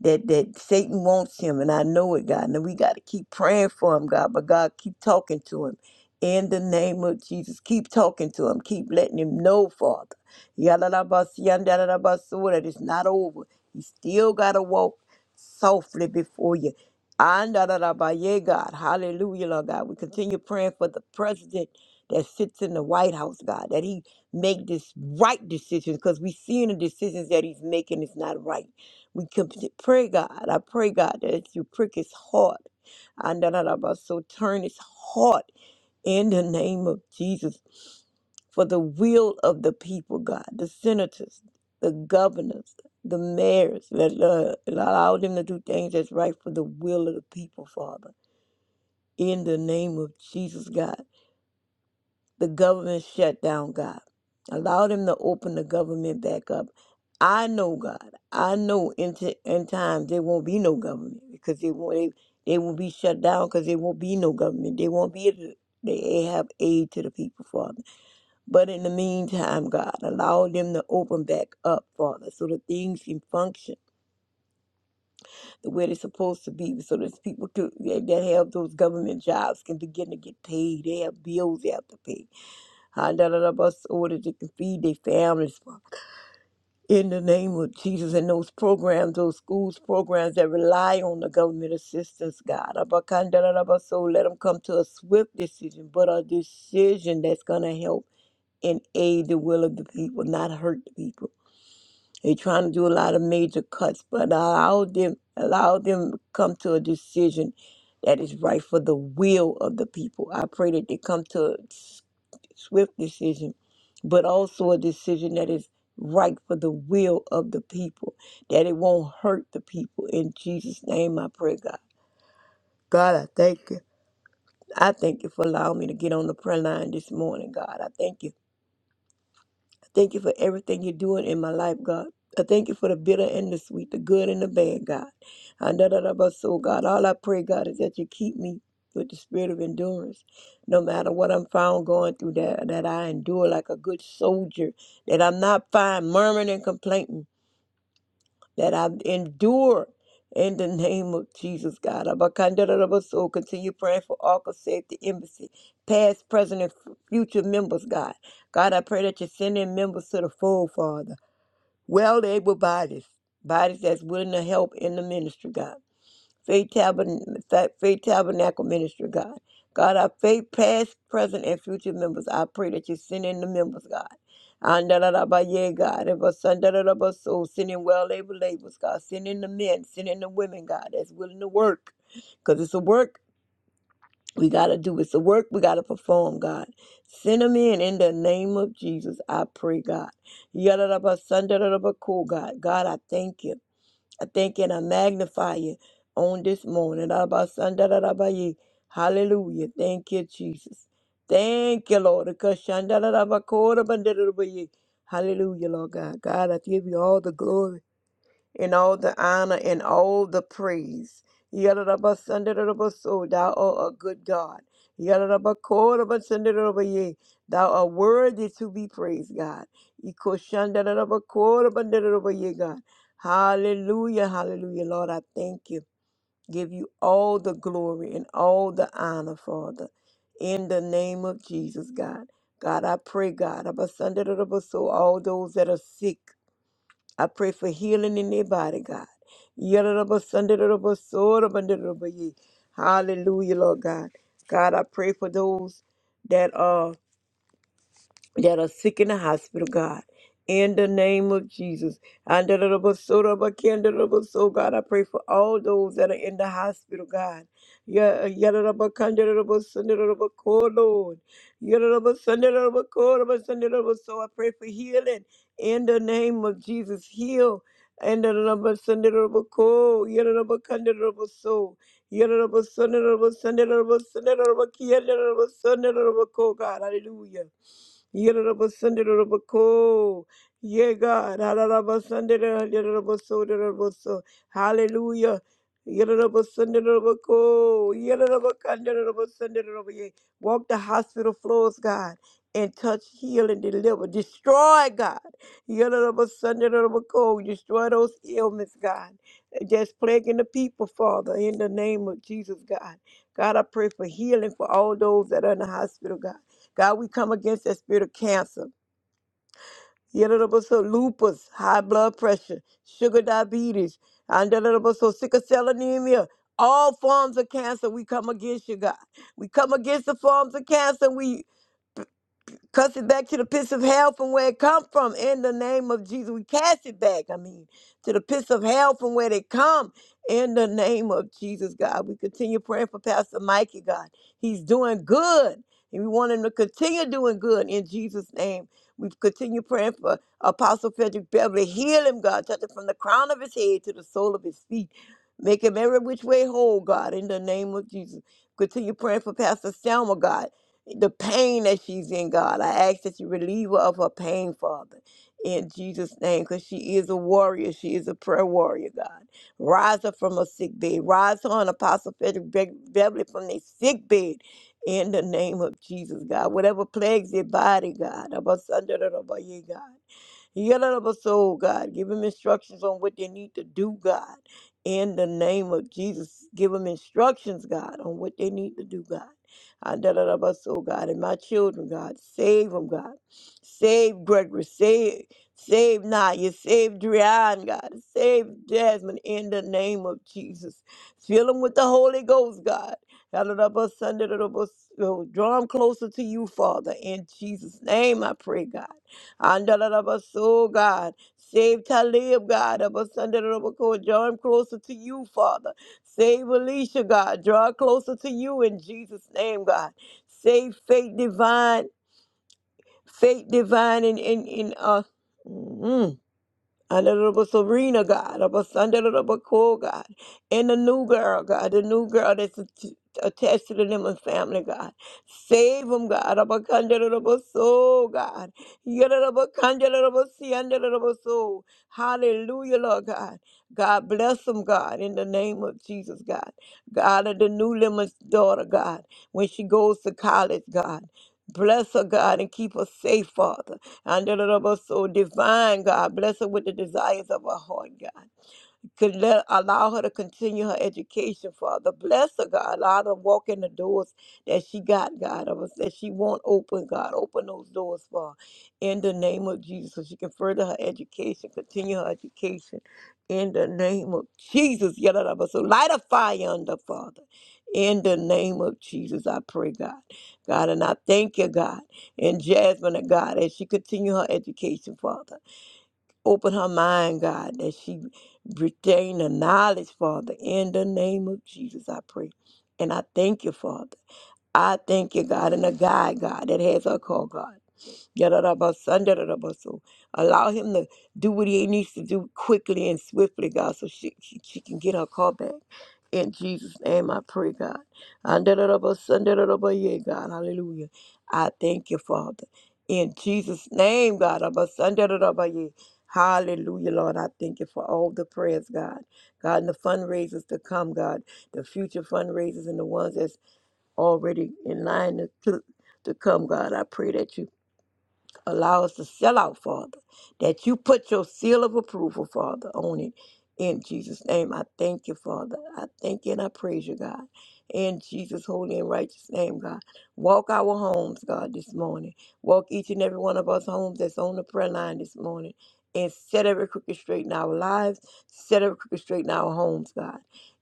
Speaker 4: that that Satan wants him, and I know it, God. And we got to keep praying for him, God. But God, keep talking to him in the name of Jesus. Keep talking to him. Keep letting him know, Father. Yalalabasiyandalabasu, That it's not over. He still got to walk softly before you. Andalalabaye, God, hallelujah, Lord God. We continue praying for the president that sits in the White House, God, that he make this right decision because we seeing the decisions that he's making is not right. We can p- pray, God. I pray, God, that you prick his heart. And da- da- da- ba- so turn his heart in the name of Jesus for the will of the people, God, the senators, the governors, the mayors. Let, uh, let allow them to do things that's right for the will of the people, Father. In the name of Jesus, God the government shut down, God. Allow them to open the government back up. I know, God. I know in, t- in times there won't be no government because they won't. They, they will be shut down because there won't be no government. They won't be able to. They have aid to the people, Father. But in the meantime, God, allow them to open back up, Father, so that things can function the way they're supposed to be, so that people to, that have those government jobs can begin to get paid. They have bills they have to pay. Handarabas so that they can feed their families Father. in the name of Jesus and those programs, those schools programs that rely on the government assistance, God. Abakandarabas, so Let them come to a swift decision, but a decision that's going to help and aid the will of the people, not hurt the people. They're trying to do a lot of major cuts, but allow them, allow them to come to a decision that is right for the will of the people. I pray that they come to swift decision, but also a decision that is right for the will of the people, that it won't hurt the people. In Jesus' name, I pray, God. God, I thank you. I thank you for allowing me to get on the prayer line this morning, God. I thank you Thank you for everything you're doing in my life, God. I thank you for the bitter and the sweet, the good and the bad, God. And da da da but so, God, all I pray, God, is that you keep me with the spirit of endurance. No matter what I'm found going through, that that I endure like a good soldier, that I'm not fine murmuring and complaining that I endure in the name of Jesus, God. Abacandarabaso, Continue praying for ARCA Safety Embassy, past, present, and f- future members, God. God, I pray that you send in members to the fold, Father. Well able bodies, bodies that's willing to help in the ministry, God. Faith Tabernacle, Faith Tabernacle Ministry, God. God, our faith, past, present, and future members, I pray that you send in the members, God. Andalalabaye, God, and basandalalabaso, send in well-able labels, God. Send in the men, send in the women, God, that's willing to work. Because it's a work we got to do. It's a work we got to perform, God. Send them in in the name of Jesus, I pray, God. Yalalabasandalalabaco, God. God, I thank you. I thank you and I magnify you on this morning. Abba, Hallelujah. Thank you, Jesus. Thank you, Lord. Because Hallelujah, Lord God. God, I give you all the glory and all the honor and all the praise. Yadadabasandarubaso, Thou art a good God. Yadadabakodabasandarubaye, Thou art worthy to be praised, God. Ikoshandadadabakodabandarubaye, God. Hallelujah, hallelujah. Lord, I thank you. Give you all the glory and all the honor, Father. In the name of Jesus, God. God, I pray, God, Abasandarabaso, all those that are sick. I pray for healing in their body, God. Yadadaba, sundadadaba, sodabandadadaba, yea. Hallelujah, Lord God. God, I pray for those that are that are sick in the hospital, God. In the name of Jesus. So, God, I pray for all those that are in the hospital, God. Yeah, yeah, da, da, ba, kan, da, da, da, ba, sun, da, da, da, ba, ko, Lord. Yeah, da, da, ba, sun, da, da, da, ba, ko, da, ba, sun, da, da, ba. So I pray for healing in the name of Jesus. Heal. And the number Sunday number call, yet number soul, yet Sunday number Sunday number Sunday number Sunday number God, hallelujah. Yello, love us under the love of the Lord, yeah, God. Hallelujah, under the love of the Lord, under the love of the Lord, Hallelujah. Yello, love us under the love of the Lord, yello, love us under the love of the Lord. Walk the hospital floors, God, and touch healing, deliver, destroy, God. Yello, love us under the love of the Lord, destroy those ailments, God, that just plaguing the people, Father. In the name of Jesus, God. God, I pray for healing for all those that are in the hospital, God. God, we come against that spirit of cancer, so lupus, high blood pressure, sugar diabetes, and so sickle cell anemia. All forms of cancer, we come against you, God. We come against the forms of cancer. We. Cuss it back to the pits of hell from where it come from. In the name of Jesus, we cast it back. I mean, to the pits of hell from where they come. In the name of Jesus, God, we continue praying for Pastor Mikey, God. He's doing good, and we want him to continue doing good in Jesus' name. We continue praying for Apostle Frederick Beverly. Heal him, God. Touch him from the crown of his head to the sole of his feet. Make him every which way whole, God, in the name of Jesus. Continue praying for Pastor Selma, God the pain that she's in, God. I ask that you relieve her of her pain, Father, in Jesus' name, because she is a warrior. She is a prayer warrior, God. Rise her from her sick bed. Rise her and Apostle Frederick Be- Beverly from their sick bed in the name of Jesus, God. Whatever plagues their body, God, of us under the rubber, yeah, God. Yalabaso, God. Give them instructions on what they need to do, God. In the name of Jesus, give them instructions, God, on what they need to do, God. Adalabaso, God. And my children, God. Save them, God. Save Gregory. Save. Save Naya, save Drian, God, save Jasmine in the name of Jesus. Fill them with the Holy Ghost, God. Hallelujah, Sunday, Lord, Draw them closer to you, Father. In Jesus' name, I pray, God. Andalabaso, God. Save Talib, God. Abasandalabako. Draw him closer to you, Father. Save Alicia, God. Draw her closer to you in Jesus' name, God. Save faith divine. Faith divine in, in, in uh. mm-hmm. Under the rubber Serena, God, of us under the rubber Cool, God, and the new girl, God, the new girl that's att- attached to the Lemon family, God. Save them, God, of us under the rubber Soul, God. Yet the rubber under the rubber sea, under the rubber Soul. Hallelujah, Lord God. God bless them, God, in the name of Jesus, God. God of the new Lemon's daughter, God, when she goes to college, God. Bless her, God, and keep her safe, Father. And the rubber, so divine, God. Bless her with the desires of her heart, God could let allow her to continue her education, Father. Bless her, God. Allow her to walk in the doors that she got, God, of us that she won't open, God. Open those doors for her. In the name of Jesus. So she can further her education, continue her education. In the name of Jesus. yada, da, ba. So light a fire under, Father. In the name of Jesus, I pray, God. God, and I thank you, God. And Jasmine, God, as she continue her education, Father. Open her mind, God, that she retain the knowledge, Father. In the name of Jesus, I pray. And I thank you, Father. I thank you, God, and a guide, God, that has her call, God. Yadadabasandaradabaso. Allow him to do what he needs to do quickly and swiftly, God, so she, she, she can get her car back. In Jesus' name, I pray, God. Andaradabasandaradabaye, God. Hallelujah. I thank you, Father. In Jesus' name, God. Abasandaradabaye. Hallelujah, Lord. I thank you for all the prayers, God. God, and the fundraisers to come, God. The future fundraisers and the ones that's already in line to, to come, God. I pray that you Allow us to sell out, Father, that you put your seal of approval, Father, on it. In Jesus' name, I thank you, Father. I thank you and I praise you, God. In Jesus' holy and righteous name, God. Walk our homes, God, this morning. Walk each and every one of us homes that's on the prayer line this morning. And set every crooked straight in our lives. Set every crooked straight in our homes, God.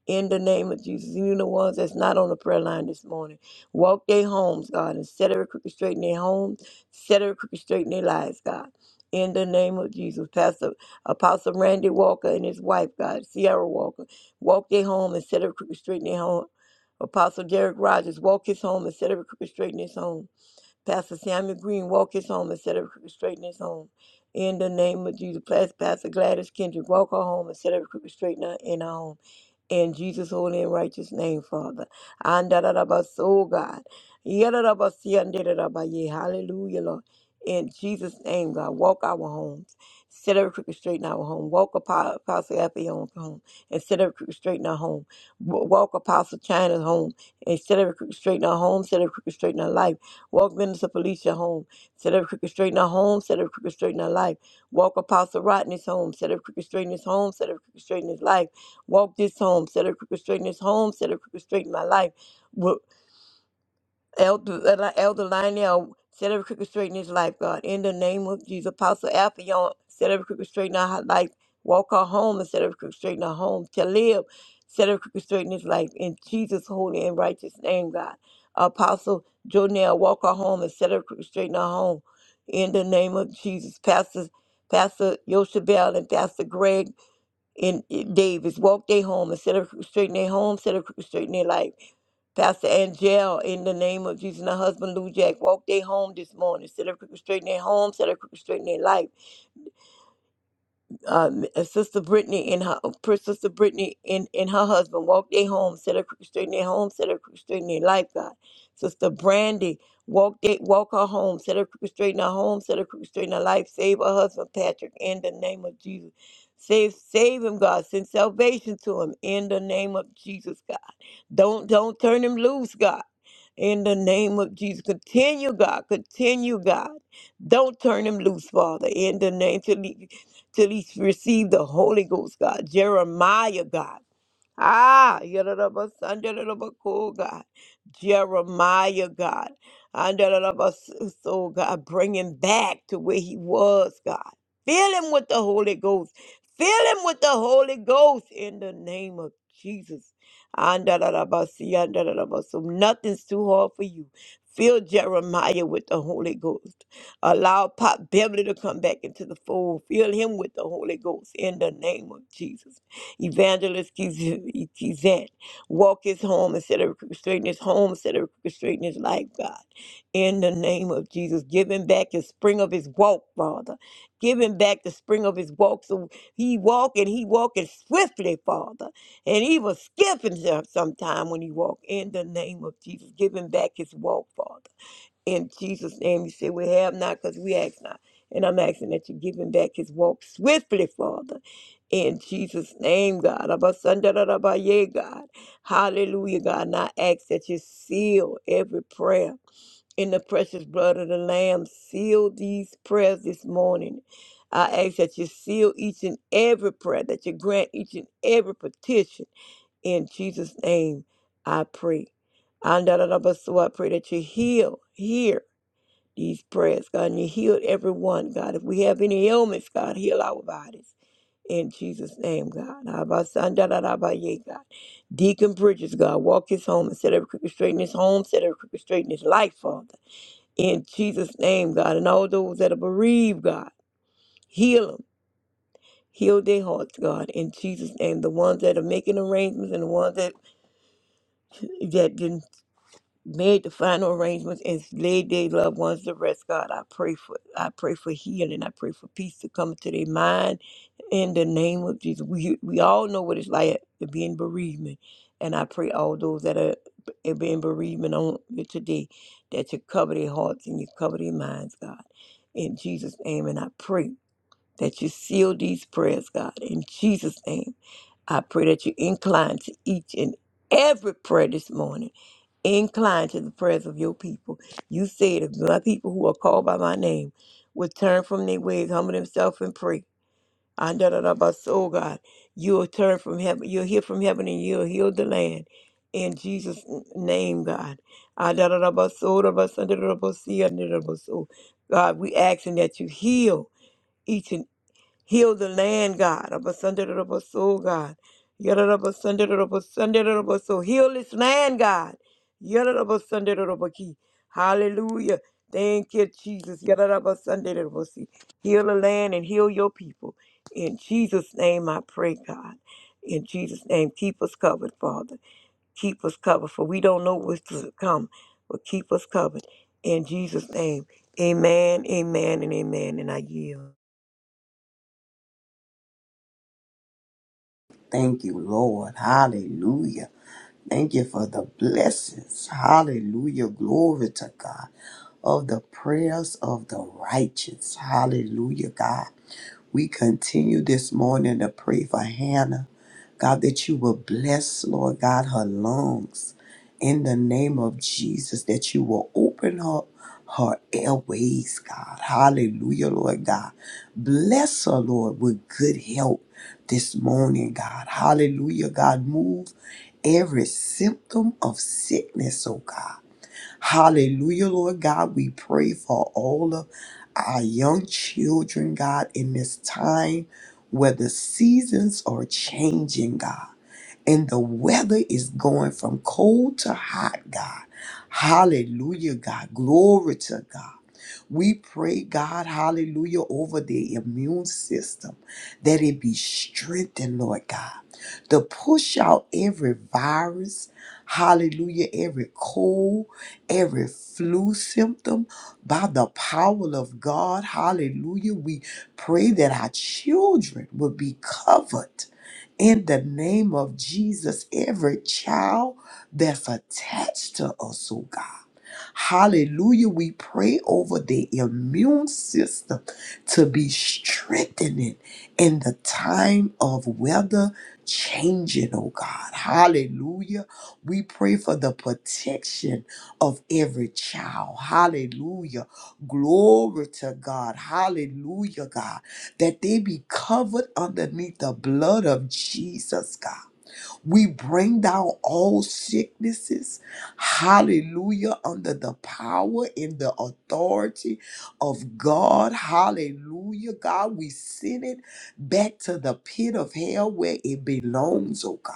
Speaker 4: In the name of Jesus. And you the ones that's not on the prayer line this morning. Walk their homes, God, and set every crooked straight in their homes set her crooked straight in their lives, God. In the name of Jesus, Pastor Apostle Randy Walker and his wife, God, Sierra Walker, walk their home and set her crooked straight in their home. Apostle Derek Rogers, walk his home and set every crooked straight in his home. Pastor Samuel Green, walk his home and set every crooked straight in his home. In the name of Jesus, Pastor Gladys Kendrick, walk her home and set every crooked straight in her, in her home. In Jesus' holy and righteous name, Father. and da da da ba, oh God. Ya da da ba si and da da ba, ba, ye Hallelujah, Lord. In Jesus' name, God, walk our homes. Set every crooked straight in our home. Walk Apo- Apostle Appion's home and set every crooked straight in our home. W- Walk Apostle China's home and set every crooked straight in our home. Set every crooked straight in our life. Walk Minister Felicia home. Set every crooked straight in our home. Set every crooked straight in our life. Walk Apostle Rodney's home. Set every crooked straight in his home. Set every crooked straight in his life. Walk this home, set a crooked straight in this home, set a crooked straight in my life. Wo- Elder, Eli- Elder Lionel, set every crooked straight in his life, God. In the name of Jesus, Apostle Alphaeon, set every crooked straight in our life. Walk her home and set every crooked straight in our home. To live, set every crooked straight in his life. In Jesus' holy and righteous name, God. Apostle Jonell, walk her home and set every crooked straight in our home. In the name of Jesus, Pastor, Pastor Yoshabel and Pastor Greg and eh, Davis walk their home instead of straighten their home, instead of straighten their life. Pastor Angel, in the name of Jesus, and her husband Lou Jack, walk their home this morning instead of straighten their home, instead of straighten their life uh, uh, Sister Brittany and her uh, Sister Brittany and, and her husband walked their home, set her crooked straight in their home, set her crooked straight in their life, God. Sister Brandy walked they, walk her home, set her crooked straight in her home, set her crooked straight in her life. Save her husband Patrick in the name of Jesus. Save save him, God. Send salvation to him in the name of Jesus, God. Don't don't turn him loose, God. In the name of Jesus, continue, God, continue, God. Don't turn him loose, Father. In the name till he, till he receive the Holy Ghost, God. Jeremiah, God. Ah, Yadadabas, cool God. Jeremiah, God. Andadabas, soul God, bring him back to where he was, God. Fill him with the Holy Ghost. Fill him with the Holy Ghost in the name of Jesus. Andadadabasi, so Nothing's too hard for you. Fill Jeremiah with the Holy Ghost. Allow Pop Beverly to come back into the fold. Fill him with the Holy Ghost in the name of Jesus. Evangelist Kiz- Kizant, walk his home instead of orchestrating his home, instead of orchestrating his life, God. In the name of Jesus, give him back the spring of his walk, Father. Give him back the spring of his walk so he walk and he walking swiftly, Father. And he will skip himself sometime when he walk. In the name of Jesus, give him back his walk, Father. In Jesus' name, you say we have not because we ask not. And I'm asking that you give him back his walk swiftly, Father. In Jesus' name, God. Abasandarabaye, God. Hallelujah, God. And I ask that you seal every prayer in the precious blood of the Lamb. Seal these prayers this morning. I ask that you seal each and every prayer, that you grant each and every petition. In Jesus' name, I pray. Andarabaso, I pray that you heal, hear these prayers, God, and you healed everyone, God. If we have any ailments, God, heal our bodies. In Jesus' name, God. Abasandarabaye, God. Deacon Bridges, God, walk his home and set every crooked straight in his home, set every crooked straight in his life, Father. In Jesus' name, God. And all those that are bereaved, God, heal them. Heal their hearts, God, in Jesus' name. The ones that are making arrangements and the ones that that didn't made the final arrangements and laid their loved ones to rest. God, I pray for I pray for healing. I pray for peace to come to their mind in the name of Jesus. We we all know what it's like to be in bereavement. And I pray all those that are b- being bereavement on today that you cover their hearts and you cover their minds, God. In Jesus' name. And I pray that you seal these prayers, God. In Jesus' name. I pray that you incline to each and every prayer this morning Incline to the prayers of your people. You said, if my people who are called by my name would turn from their ways, humble themselves, and pray. I da da da ba so God, you'll turn from heaven, you'll hear from heaven, and you'll heal the land. In Jesus' n- name, God. I da da da ba so da ba sun da da da ba si, ah, da da da ba so. God, we asking that you heal each and. Heal the land, God. Abasandarabaso, God. Yarabasandarabaso. Heal this land, God. Yarabasandarabaso. Hallelujah. Thank you, Jesus. Yarabasandarabaso. Heal the land and heal your people. In Jesus' name I pray, God. In Jesus' name, keep us covered, Father. Keep us covered, for we don't know what's to come, but keep us covered. In Jesus' name, amen, amen, and amen. And I yield.
Speaker 2: Thank you, Lord. Hallelujah. Thank you for the blessings. Hallelujah. Glory to God. Of the prayers of the righteous. Hallelujah, God. We continue this morning to pray for Hannah. God, that you will bless, Lord God, her lungs in the name of Jesus, that you will open up her airways, God. Hallelujah, Lord God. Bless her, Lord, with good health this morning, God. Hallelujah, God. Move every symptom of sickness, oh God. Hallelujah, Lord God. We pray for all of our young children, God, in this time where the seasons are changing, God, and the weather is going from cold to hot, God. Hallelujah, God. Glory to God. We pray, God, hallelujah, over the immune system that it be strengthened, Lord God to push out every virus, hallelujah, every cold, every flu symptom by the power of God, hallelujah. We pray that our children will be covered in the name of Jesus, every child that's attached to us, oh God. Hallelujah. We pray over the immune system to be strengthening in the time of weather changing, oh God. Hallelujah. We pray for the protection of every child. Hallelujah. Glory to God. Hallelujah, God. That they be covered underneath the blood of Jesus, God. We bring down all sicknesses, hallelujah, under the power and the authority of God, hallelujah. God, we send it back to the pit of hell where it belongs, oh God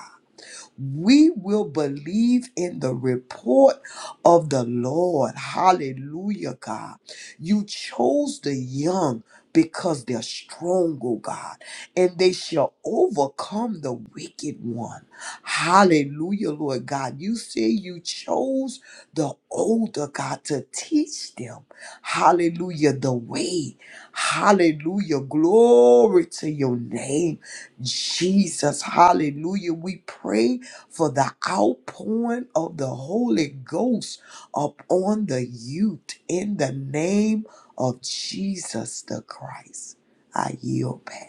Speaker 2: we will believe in the report of the Lord. Hallelujah, God. You chose the young because they're strong, oh God, and they shall overcome the wicked one. Hallelujah, Lord God. You say you chose the older, God, to teach them. Hallelujah, the way. Hallelujah. Glory to your name, Jesus. Hallelujah. We pray for the outpouring of the Holy Ghost upon the youth in the name of Jesus the Christ. I yield back.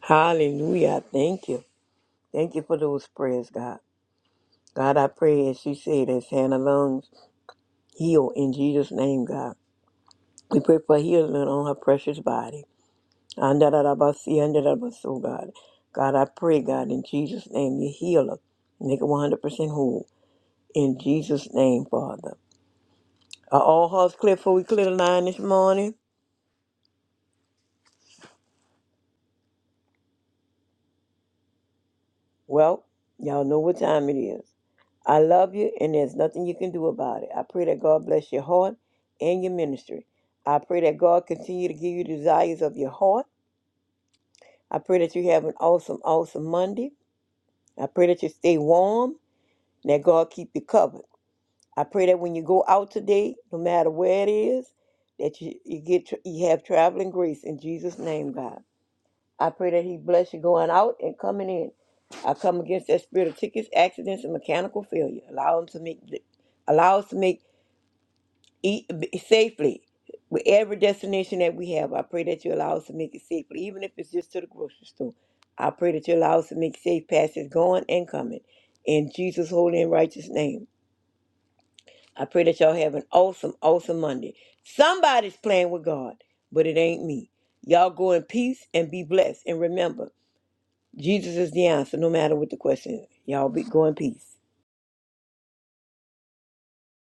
Speaker 4: Hallelujah. Thank you. Thank you for those prayers, God. God, I pray as she said, as Hannah Lungs heal in Jesus' name, God. We pray for healing on her precious body. Andarabasi, andarabaso, God. God, I pray, God, in Jesus' name, you heal her. Make her 100% whole. In Jesus' name, Father. Are all hearts clear before we clear the line this morning? Well, y'all know what time it is. I love you, and there's nothing you can do about it. I pray that God bless your heart and your ministry. I pray that God continue to give you desires of your heart. I pray that you have an awesome, awesome Monday. I pray that you stay warm and that God keep you covered. I pray that when you go out today, no matter where it is, that you, you get you have traveling grace in Jesus' name, God. I pray that he bless you going out and coming in. I come against that spirit of tickets, accidents, and mechanical failure. Allow him to make, allow us to make eat safely with every destination that we have. I pray that you allow us to make it safely, even if it's just to the grocery store. I pray that you allow us to make safe passes going and coming. In Jesus' holy and righteous name. I pray that y'all have an awesome, awesome Monday. Somebody's playing with God, but it ain't me. Y'all go in peace and be blessed. And remember, Jesus is the answer, no matter what the question. is. Y'all be go in peace.